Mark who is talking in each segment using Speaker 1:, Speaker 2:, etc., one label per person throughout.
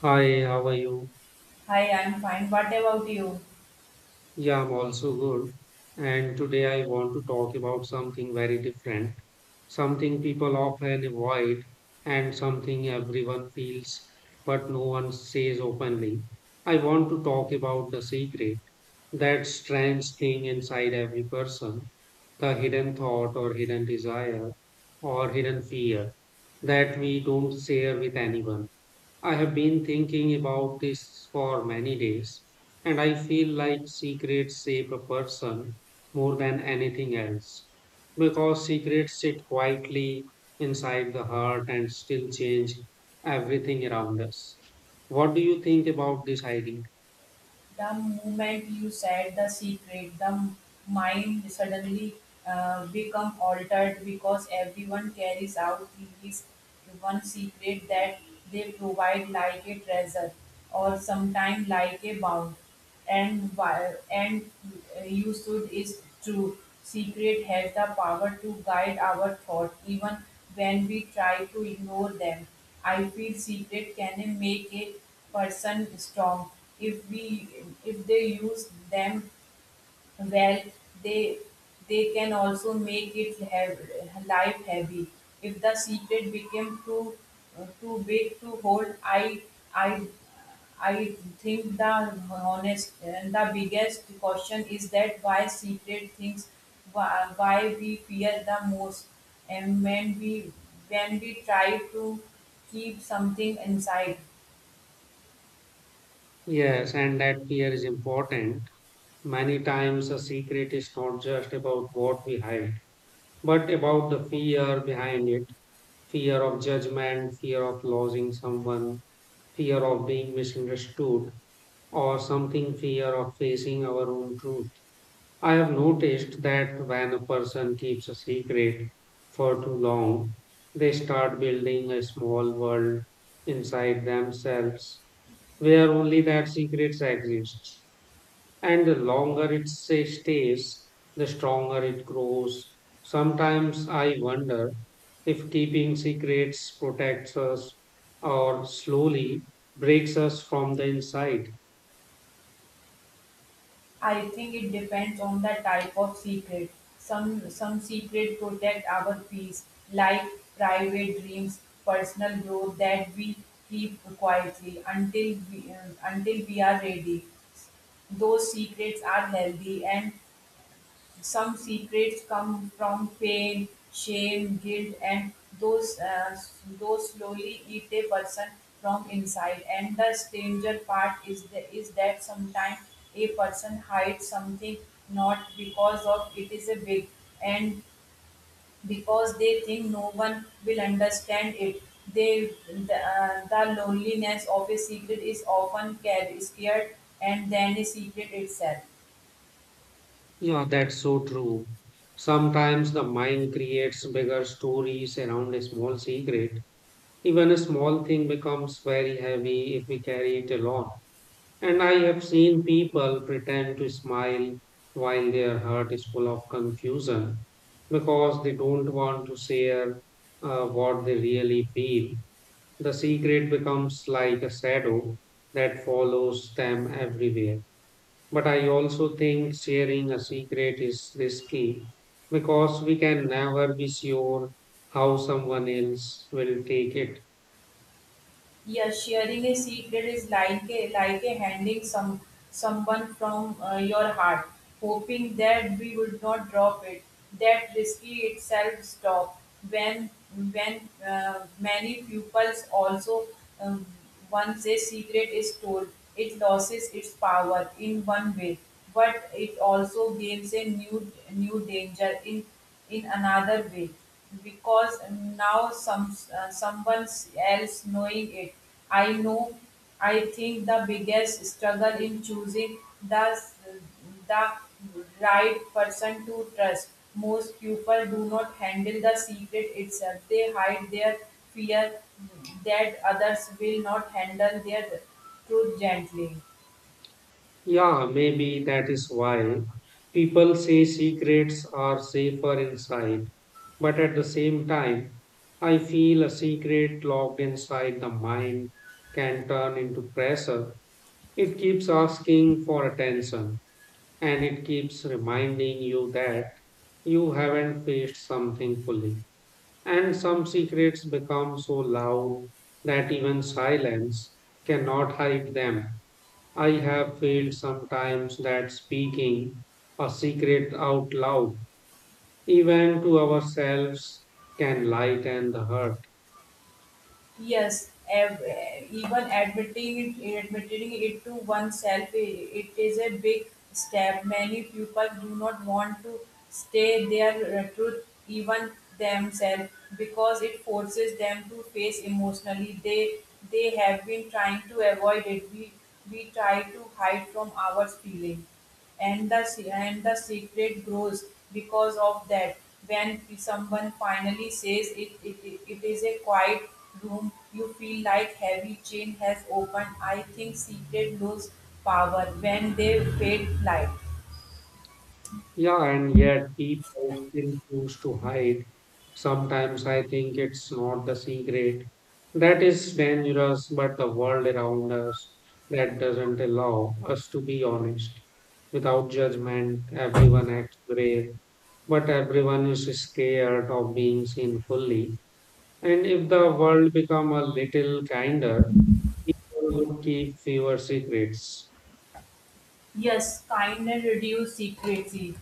Speaker 1: Hi, how are you?
Speaker 2: Hi, I'm fine. What about you?
Speaker 1: Yeah, I'm also good. And today I want to talk about something very different, something people often avoid, and something everyone feels but no one says openly. I want to talk about the secret, that strange thing inside every person, the hidden thought or hidden desire or hidden fear that we don't share with anyone. I have been thinking about this for many days, and I feel like secrets shape a person more than anything else because secrets sit quietly inside the heart and still change everything around us. What do you think about this idea?
Speaker 2: The moment you said the secret, the mind suddenly become altered because everyone carries out his one secret that they provide like a treasure or sometimes like a bound. And why- and You should is true. Secret has the power to guide our thought even when we try to ignore them. I feel secret can make a person strong if we if they use them well they they can also make it have, life heavy if the secret became too big to hold. I i i think the honest and the biggest caution is that why secret things why we fear the most, and when we try to keep something inside.
Speaker 1: Yes, and that fear is important. Many times, a secret is not just about what we hide, but about the fear behind it, fear of judgment, fear of losing someone, fear of being misunderstood, or something fear of facing our own truth. I have noticed that when a person keeps a secret for too long, they start building a small world inside themselves where only that secret exists, and the longer stays, the stronger it grows. Sometimes I wonder if keeping secrets protects us or slowly breaks us from the inside.
Speaker 2: I think it depends on the type of secret. Some secret protect our peace, like private dreams, personal growth that we keep quietly until we are ready. Those secrets are healthy, and some secrets come from pain, shame, guilt, and those uh, those slowly eat a person from inside. And the stranger part is is that sometimes a person hides something not because of it is a big and because they think no one will understand it. They the loneliness of a secret is often carried, scared, and then a secret itself.
Speaker 1: Yeah, that's so true. Sometimes the mind creates bigger stories around a small secret. Even a small thing becomes very heavy if we carry it along. And I have seen people pretend to smile while their heart is full of confusion because they don't want to share what they really feel. The secret becomes like a shadow that follows them everywhere. But I also think sharing a secret is risky because we can never be sure how someone else will take it.
Speaker 2: Yeah, sharing a secret is like like a handing someone from your heart, hoping that we would not drop it. That risky itself stop when when many pupils also um, once a secret is told, it loses its power in one way, but it also gains a new danger in another way because now someone else knowing it. I know i think the biggest struggle in choosing the the right person to trust. Most people do not handle the secret itself, they hide their fear that others will not handle their truth gently.
Speaker 1: Yeah, maybe that is why people say secrets are safer inside. But at the same time, I feel a secret locked inside the mind can turn into pressure. It keeps asking for attention and it keeps reminding you that you haven't faced something fully. And some secrets become so loud that even silence cannot hide them. I have felt sometimes that speaking a secret out loud, even to ourselves, can lighten the hurt.
Speaker 2: Yes, even admitting it to oneself, it is a big step. Many people do not want to stay their truth, even themselves, because it forces them to face emotionally. They have been trying to avoid it. We try to hide from our feeling, and and the secret grows because of that. When someone finally says it, it is a quiet room, you feel like heavy chain has opened. I think secret lose power when they fade light.
Speaker 1: Yeah, and yet people still choose to hide. Sometimes I think it's not the secret that is dangerous, but the world around us that doesn't allow us to be honest. Without judgment, everyone acts brave, but everyone is scared of being seen fully. And if the world become a little kinder, people would keep fewer secrets.
Speaker 2: Yes, kindness reduce secrecy.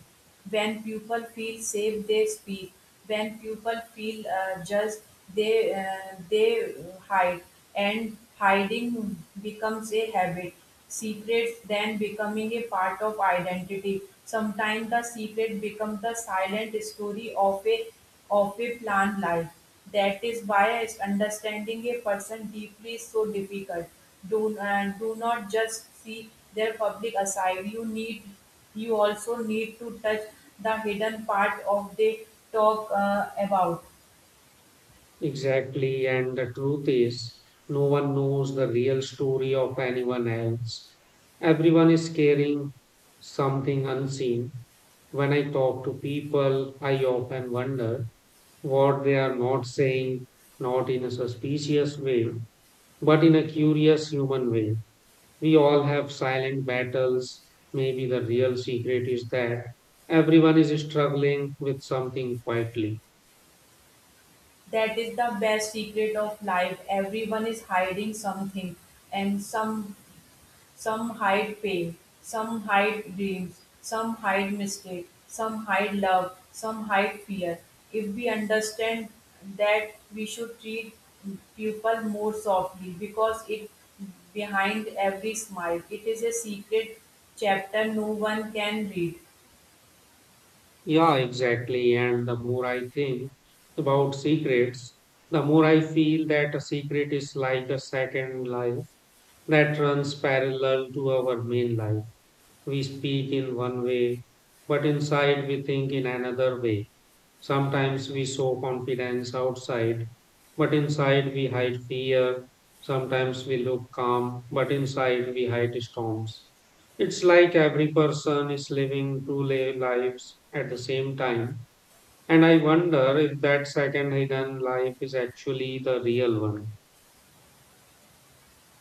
Speaker 2: When people feel safe they speak, when people feel judged they hide, and hiding becomes a habit. Secrets then becoming a part of identity. Sometimes the secret becomes the silent story of a planned life. That is why understanding a person deeply is so difficult. Do not just see their public aside, you need, you also need to touch the hidden part of they talk about.
Speaker 1: Exactly, and the truth is, no one knows the real story of anyone else. Everyone is carrying something unseen. When I talk to people, I often wonder what they are not saying, not in a suspicious way, but in a curious human way. We all have silent battles. Maybe the real secret is that everyone is struggling with something quietly.
Speaker 2: That is the best secret of life. Everyone is hiding something, and some hide pain, some hide dreams, some hide mistake, some hide love, some hide fear. If we understand that, we should treat people more softly because it behind every smile. It is a secret chapter no one can read.
Speaker 1: Yeah, exactly. And the more I think about secrets, the more I feel that a secret is like a second life that runs parallel to our main life. We speak in one way, but inside we think in another way. Sometimes we show confidence outside, but inside we hide fear. Sometimes we look calm, but inside we hide storms. It's like every person is living lives at the same time. And I wonder if that second hidden life is actually the real one.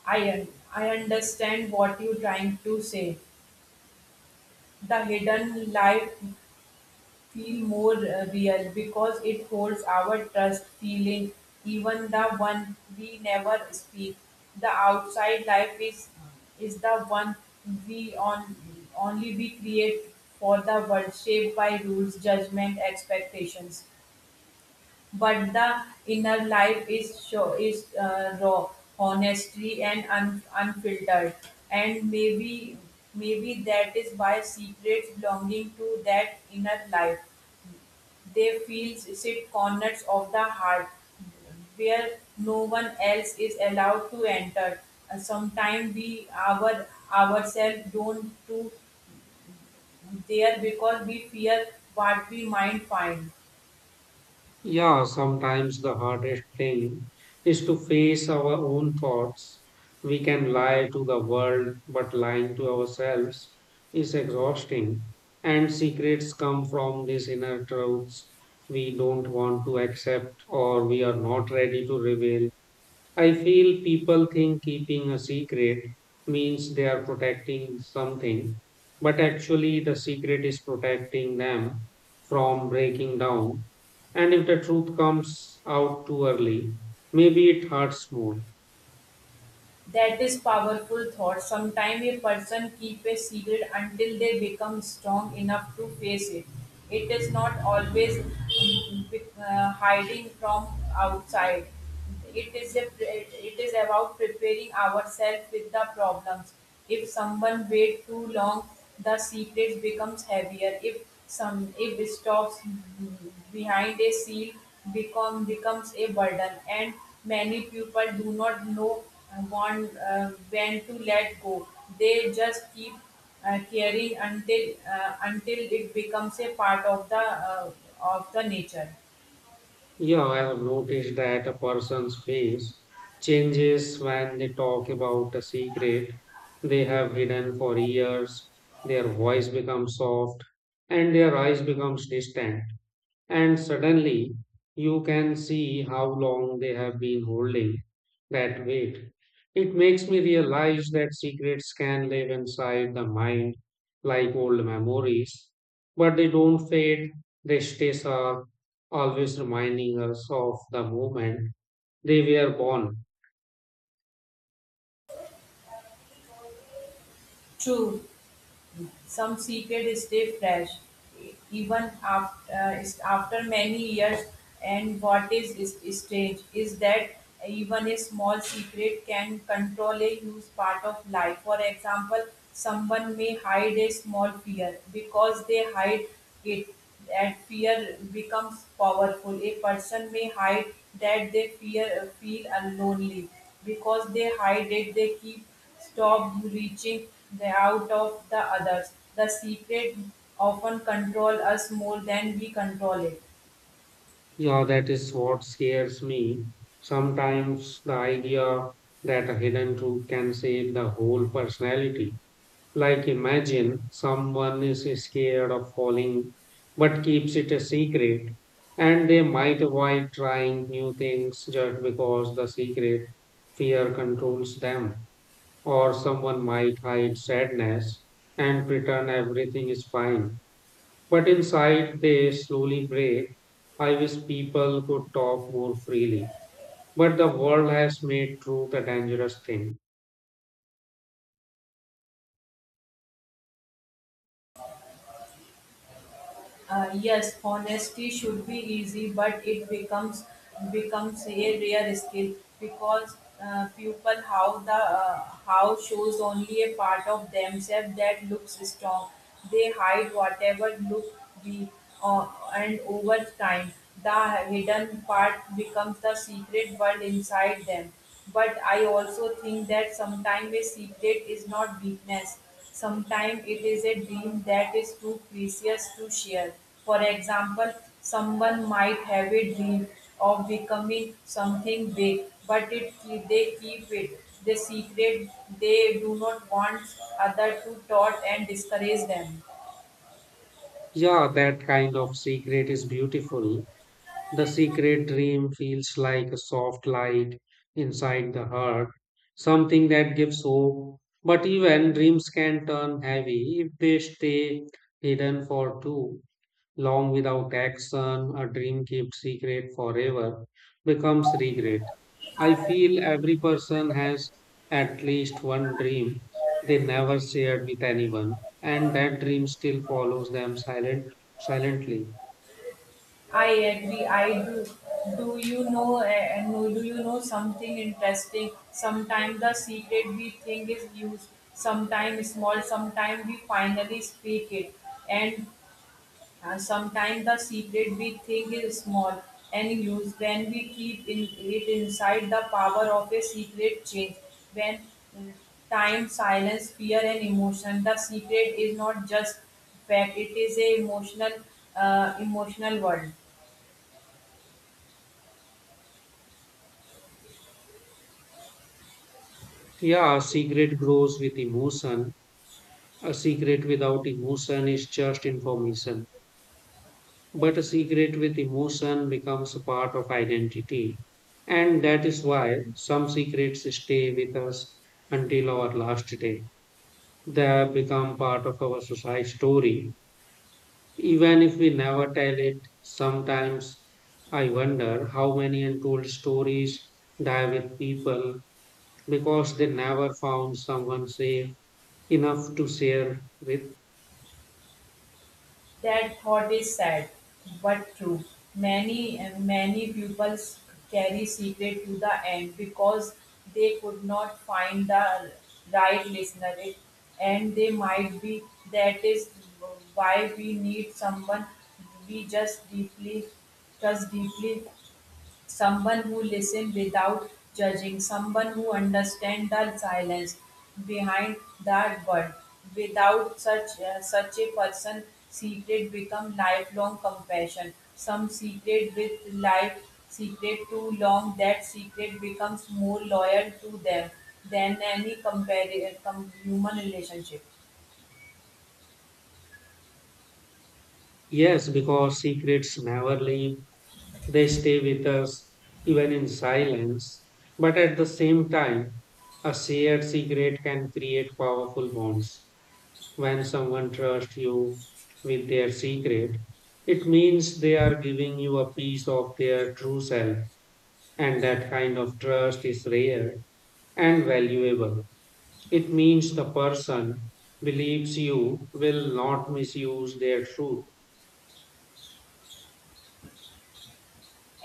Speaker 2: I un- I understand what you're trying to say. The hidden life feel more real because it holds our trust feeling, even the one we never speak. The outside life is the one we on only we create for the world, shaped by rules, judgment, expectations. But the inner life is show is raw, honestly and unfiltered, and maybe that is why secrets belonging to that inner life, they feel sit corners of the heart where no one else is allowed to enter. Sometimes we our ourselves don't do there because we fear what we might find.
Speaker 1: Yeah, sometimes the hardest thing is to face our own thoughts. We can lie to the world, but lying to ourselves is exhausting. And secrets come from these inner truths we don't want to accept or we are not ready to reveal. I feel people think keeping a secret means they are protecting something, but actually the secret is protecting them from breaking down. And if the truth comes out too early, maybe it hurts more.
Speaker 2: That is powerful thought. Sometimes a person keep a secret until they become strong enough to face it. It is not always hiding from outside. It is it is about preparing ourselves with the problems. If someone wait too long, the secret becomes heavier. If some if it stops behind a seal, becomes a burden, and many people do not know when to let go. They just keep caring until it becomes a part uh, of the nature.
Speaker 1: Yeah, I have noticed that a person's face changes when they talk about a secret they have hidden for years. Their voice becomes soft, and their eyes becomes distant. And suddenly you can see how long they have been holding that weight. It makes me realize that secrets can live inside the mind like old memories, but they don't fade, they stay sharp, always reminding us of the moment they were born.
Speaker 2: True. Some secrets stay fresh even after many years. And what is strange is that even a small secret can control a huge part of life. For example, someone may hide a small fear because they hide it. That fear becomes powerful. A person may hide that they fear feel lonely because they hide it. They keep stop reaching the out of the others. The secret often control us more than we control it.
Speaker 1: Yeah, that is what scares me. Sometimes the idea that a hidden truth can save the whole personality. Like, imagine someone is scared of falling but keeps it a secret, and they might avoid trying new things just because the secret fear controls them. Or someone might hide sadness and pretend everything is fine, but inside they slowly break. I wish people could talk more freely, but the world has made truth a dangerous thing.
Speaker 2: Yes, honesty should be easy, but it becomes a rare skill because people how shows only a part of themselves that looks strong. They hide whatever look weak, uh, and over time the hidden part becomes the secret world inside them. But I also think that sometimes a secret is not weakness. Sometimes it is a dream that is too precious to share. For example, someone might have a dream of becoming something big, they keep it. The secret, they do not want other to taught and discourage them.
Speaker 1: Yeah, that kind of secret is beautiful. The secret dream feels like a soft light inside the heart, something that gives hope. But even dreams can turn heavy if they stay hidden for too long without action. A dream kept secret forever becomes regret. I feel every person has at least one dream they never shared with anyone, and that dream still follows them silently.
Speaker 2: I agree. I do. Do you know? No, do you know something interesting? Sometimes the secret we think is used. Sometimes small. Sometimes we finally speak it, and sometimes the secret we think is small and huge when we keep in it inside the power of a secret change. When mm, time, silence, fear, and emotion, the secret is not just fact; it is a emotional, emotional world.
Speaker 1: Yeah, a secret grows with emotion. A secret without emotion is just information. But a secret with emotion becomes a part of identity. And that is why some secrets stay with us until our last day. They have become part of our society story. Even if we never tell it, sometimes I wonder how many untold stories die with people because they never found someone safe enough to share with.
Speaker 2: That thought is sad, but true. Many pupils carry secret to the end because they could not find the right listener, and they might be. That is why we need someone we just deeply trust deeply, someone who listens without judging, someone who understands the silence behind that word. Without such a person, secret become lifelong compassion. Some secret with life secret too long, that secret becomes more loyal to them than any human relationship.
Speaker 1: Yes, because secrets never leave, they stay with us even in silence. But at the same time, a shared secret can create powerful bonds. When someone trusts you with their secret, it means they are giving you a piece of their true self, and that kind of trust is rare and valuable. It means the person believes you will not misuse their truth.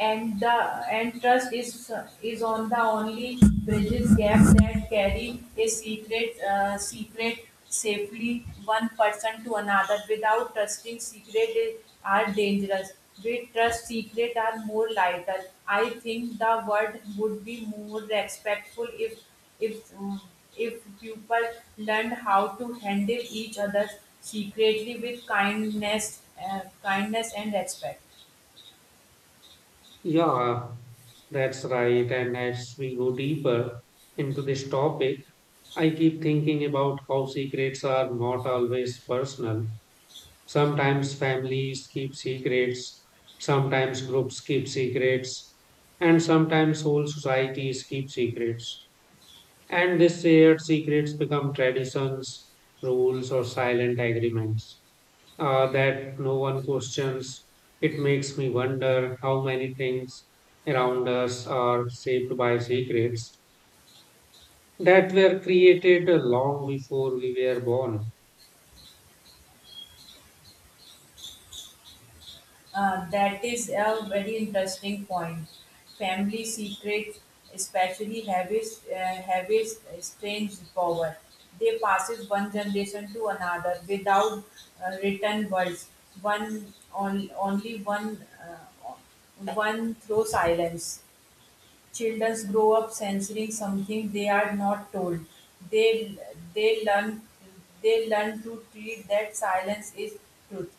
Speaker 2: and the and trust is on the only bridges gap that carry a secret safely one person to another. Without trusting, secret is, are dangerous. With trust, secret are more vital. I think the world would be more respectful if if um, if people learned how to handle each other secretly with kindness, kindness and respect.
Speaker 1: Yeah, that's right. And as we go deeper into this topic, I keep thinking about how secrets are not always personal. Sometimes families keep secrets, sometimes groups keep secrets, and sometimes whole societies keep secrets. And these shared secrets become traditions, rules, or silent agreements that no one questions. It makes me wonder how many things around us are shaped by secrets that were created long before we were born.
Speaker 2: That is a very interesting point. Family secrets, especially, have a strange power. They passes one generation to another without written words. One on, only one one through silence. Children grow up censoring something they are not told. They they learn they learn to treat that silence is truth.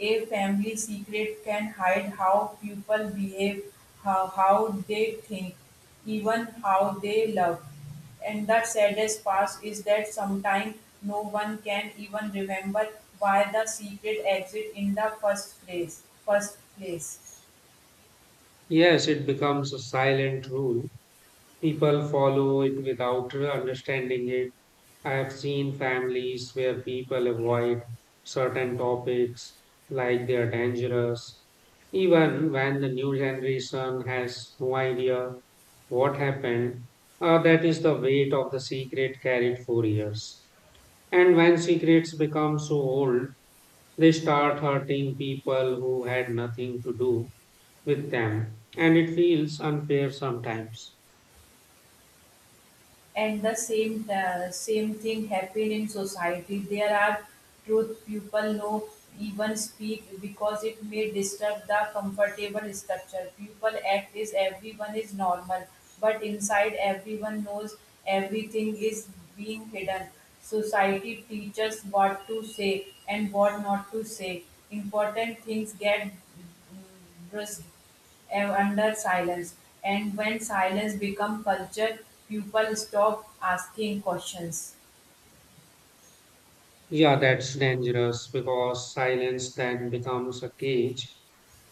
Speaker 2: A family secret can hide how people behave, how they think, even how they love. And the saddest part is that sometimes no one can even remember why the secret exists in the first place.
Speaker 1: Yes, it becomes a silent rule. People follow it without understanding it. I've seen families where people avoid certain topics like they're dangerous, even when the new generation has no idea what happened. That is the weight of the secret carried for years. And when secrets become so old, they start hurting people who had nothing to do with them. And it feels unfair sometimes.
Speaker 2: And the same thing happen in society. There are truth people no even speak because it may disturb the comfortable structure. People act as everyone is normal, but inside everyone knows everything is being hidden. Society teaches what to say and what not to say. Important things get brusque under silence. And when silence becomes culture, people stop asking questions.
Speaker 1: Yeah, that's dangerous because silence then becomes a cage.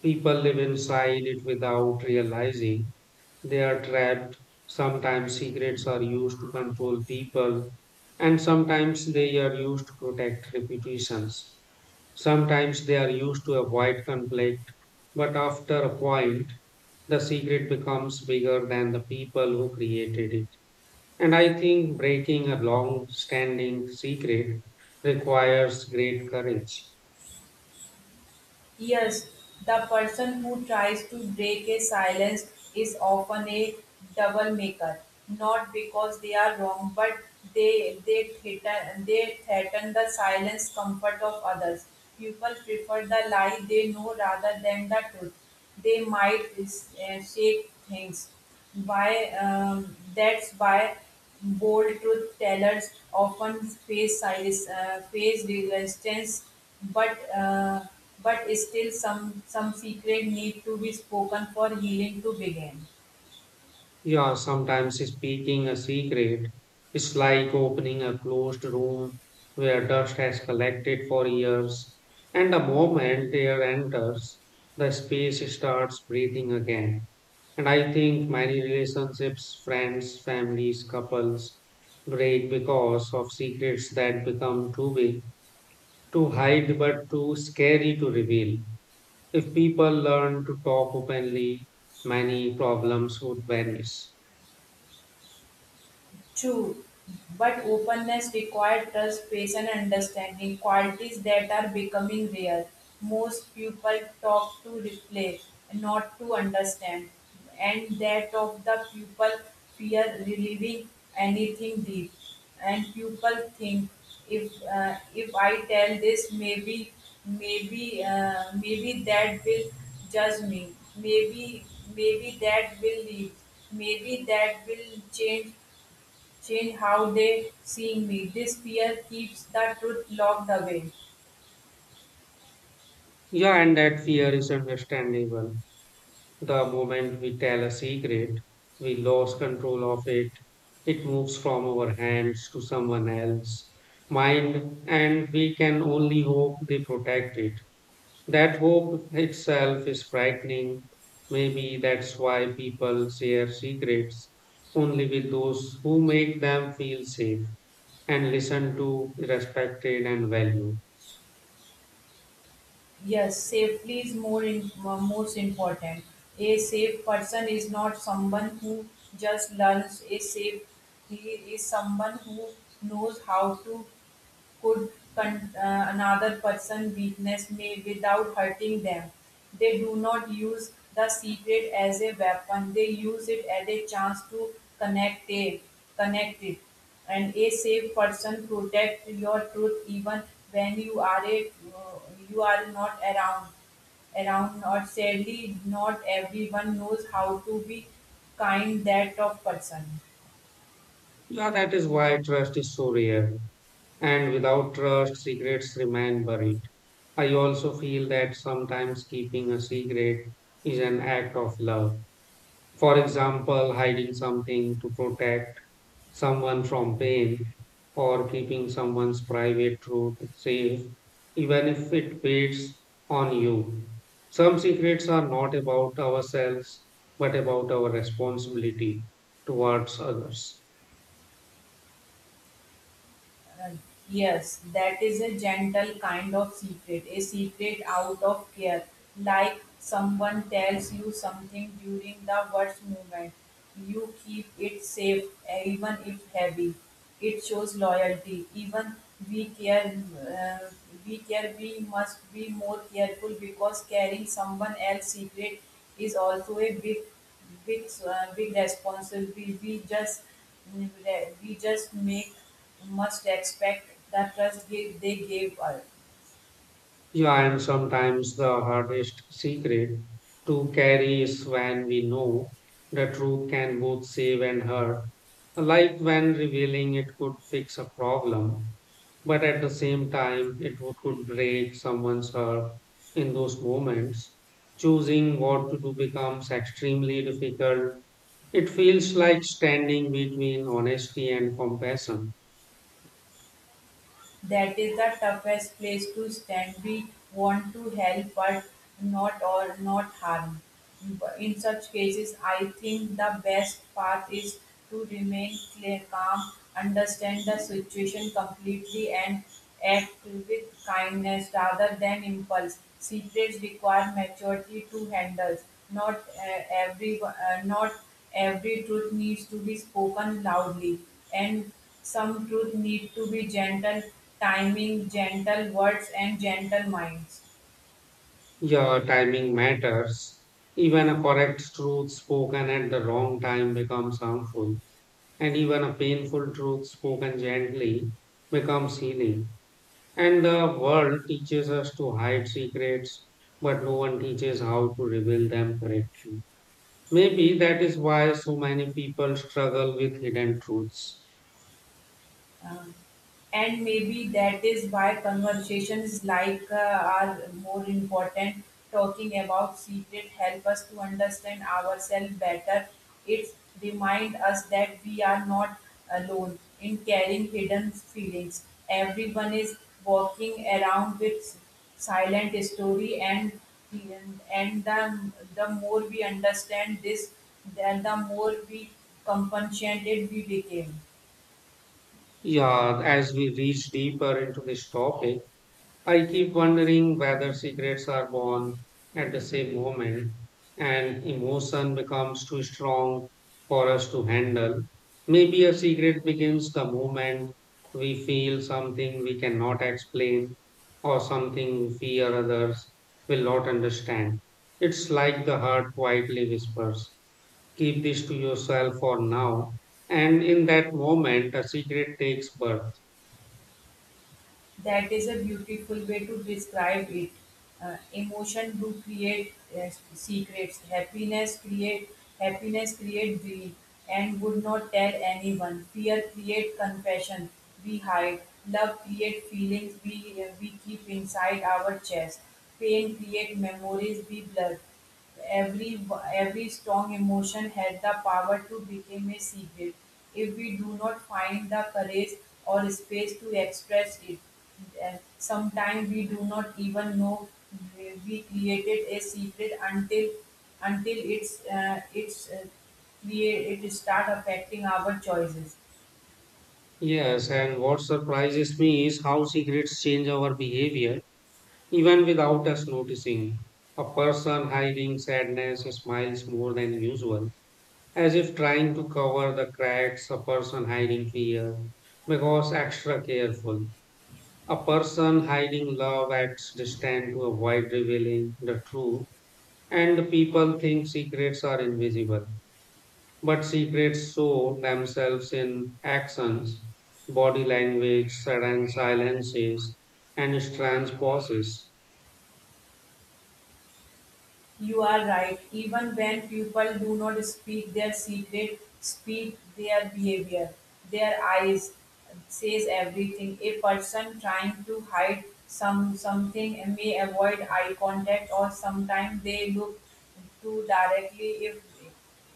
Speaker 1: People live inside it without realizing they are trapped. Sometimes secrets are used to control people, and sometimes they are used to protect reputations. Sometimes they are used to avoid conflict, but after a point, the secret becomes bigger than the people who created it. And I think breaking a long standing secret requires great courage.
Speaker 2: Yes, the person who tries to break a silence is often a double maker, not because they are wrong, but they they they threaten the silence comfort of others. People prefer the lie they know rather than the truth. They might shake things. Why? That's why bold truth tellers often face silence, face resistance, but but still some secret need to be spoken for healing to begin.
Speaker 1: Yeah, sometimes speaking a secret is like opening a closed room where dust has collected for years, and the moment air enters, the space starts breathing again. And I think many relationships, friends, families, couples break because of secrets that become too big to hide but too scary to reveal. If people learn to talk openly, many problems would vanish.
Speaker 2: True, but openness requires trust, patience, and understanding, qualities that are becoming rare. Most people talk to replay, not to understand, and that of the people fear relieving anything deep. And people think if I tell this, maybe, maybe that will judge me. Maybe, maybe that will leave. Maybe that will change, change how they see me. This fear keeps the truth locked away.
Speaker 1: Yeah, and that fear is understandable. The moment we tell a secret, we lose control of it. It moves from our hands to someone else's mind, and we can only hope they protect it. That hope itself is frightening. Maybe that's why people share secrets only with those who make them feel safe, and listened to, respected, and valued.
Speaker 2: Yes, safety is more mo- most important. A safe person is not someone who just learns. A safe he is someone who knows how to another person's weakness may without hurting them. They do not use the secret as a weapon. They use it as a chance to connect it, connect it. And a safe person protects your truth even when you you are not around, or sadly not everyone knows how to be kind that of person.
Speaker 1: Yeah, that is why trust is so rare. And without trust, secrets remain buried. I also feel that sometimes keeping a secret is an act of love. For example, hiding something to protect someone from pain or keeping someone's private truth safe, even if it weighs on you. Some secrets are not about ourselves, but about our responsibility towards others.
Speaker 2: Uh, Yes, that is a gentle kind of secret, a secret out of care, like someone tells you something during the worst moment. You keep it safe, even if heavy. It shows loyalty. Even we care, we care. We must be more careful because carrying someone else's secret is also a big, big responsibility. We just make must expect the trust they gave us.
Speaker 1: Yeah, and sometimes the hardest secret to carry is when we know the truth can both save and hurt, like when revealing it could fix a problem but at the same time, could break someone's heart in those moments. Choosing what to do becomes extremely difficult. It feels like standing between honesty and compassion.
Speaker 2: That is the toughest place to stand. We want to help, but not or not harm. In such cases, I think the best path is to remain clear, calm, understand the situation completely, and act with kindness rather than impulse. Secrets require maturity to handle. Not every truth needs to be spoken loudly, and some truth need to be gentle timing, gentle words, and gentle minds.
Speaker 1: Your timing matters. Even a correct truth spoken at the wrong time becomes harmful, and even a painful truth spoken gently becomes healing. And the world teaches us to hide secrets, but no one teaches how to reveal them correctly. Maybe that is why so many people struggle with hidden truths.
Speaker 2: Uh, and maybe that is why conversations like are more important. Talking about secret help us to understand ourselves better. It remind us that we are not alone in carrying hidden feelings. Everyone is walking around with silent story, and the more we understand this, then the more we compassionate we became.
Speaker 1: Yeah, as we reach deeper into this topic, I keep wondering whether secrets are born at the same moment and emotion becomes too strong for us to handle. Maybe a secret begins the moment we feel something we cannot explain or something we fear others will not understand. It's like the heart quietly whispers, "Keep this to yourself for now." And in that moment, a secret takes birth.
Speaker 2: That is a beautiful way to describe it. Emotion do create secrets. Happiness create greed and would not tell anyone. Fear create confession we hide. Love create feelings we keep inside our chest. Pain create memories we blur. Every every strong emotion has the power to become a secret if we do not find the courage or space to express it. Sometimes we do not even know we created a secret until it start affecting our choices.
Speaker 1: Yes, and what surprises me is how secrets change our behavior even without us noticing. A person hiding sadness smiles more than usual, as if trying to cover the cracks. A person hiding fear becomes extra careful. A person hiding love acts distant to avoid revealing the truth, and people think secrets are invisible, but secrets show themselves in actions, body language, sudden silences, and strange pauses.
Speaker 2: You are right. Even when people do not speak their secret, speak their behavior. Their eyes says everything. A person trying to hide something may avoid eye contact, or sometimes they look too directly if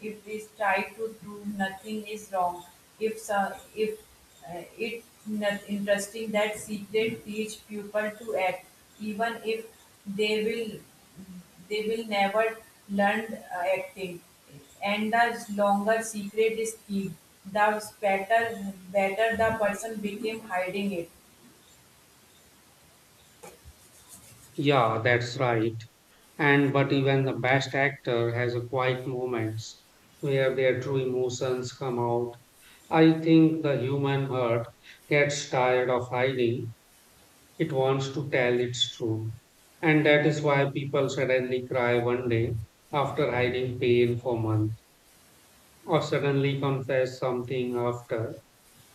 Speaker 2: they try to do nothing is wrong. If so, if it not interesting that secret teach people to act even if they will they will never learn acting. And the longer secret is kept, the better the person became hiding it.
Speaker 1: Yeah, that's right. And but even the best actor has a quiet moments where their true emotions come out. I think the human heart gets tired of hiding. It wants to tell its truth. And that is why people suddenly cry one day after hiding pain for months, or suddenly confess something after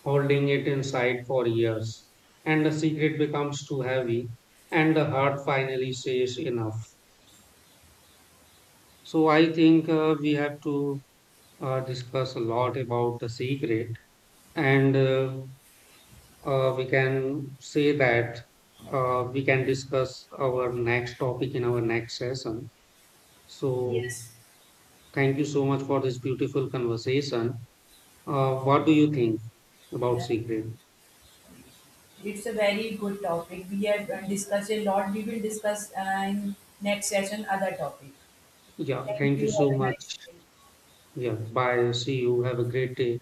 Speaker 1: holding it inside for years, and the secret becomes too heavy, and the heart finally says enough. So, I think we have to discuss a lot about the secret, and we can say that we can discuss our next topic in our next session. So,
Speaker 2: Yes.
Speaker 1: thank you so much for this beautiful conversation. What do you think about
Speaker 2: Yeah.
Speaker 1: secret?
Speaker 2: It's a very good topic. We have discussed a lot. We will discuss in next session other topic.
Speaker 1: Yeah,
Speaker 2: Thank
Speaker 1: thank you
Speaker 2: you.
Speaker 1: so
Speaker 2: Have a
Speaker 1: much.
Speaker 2: nice day.
Speaker 1: Yeah, bye. See you. Have a great day.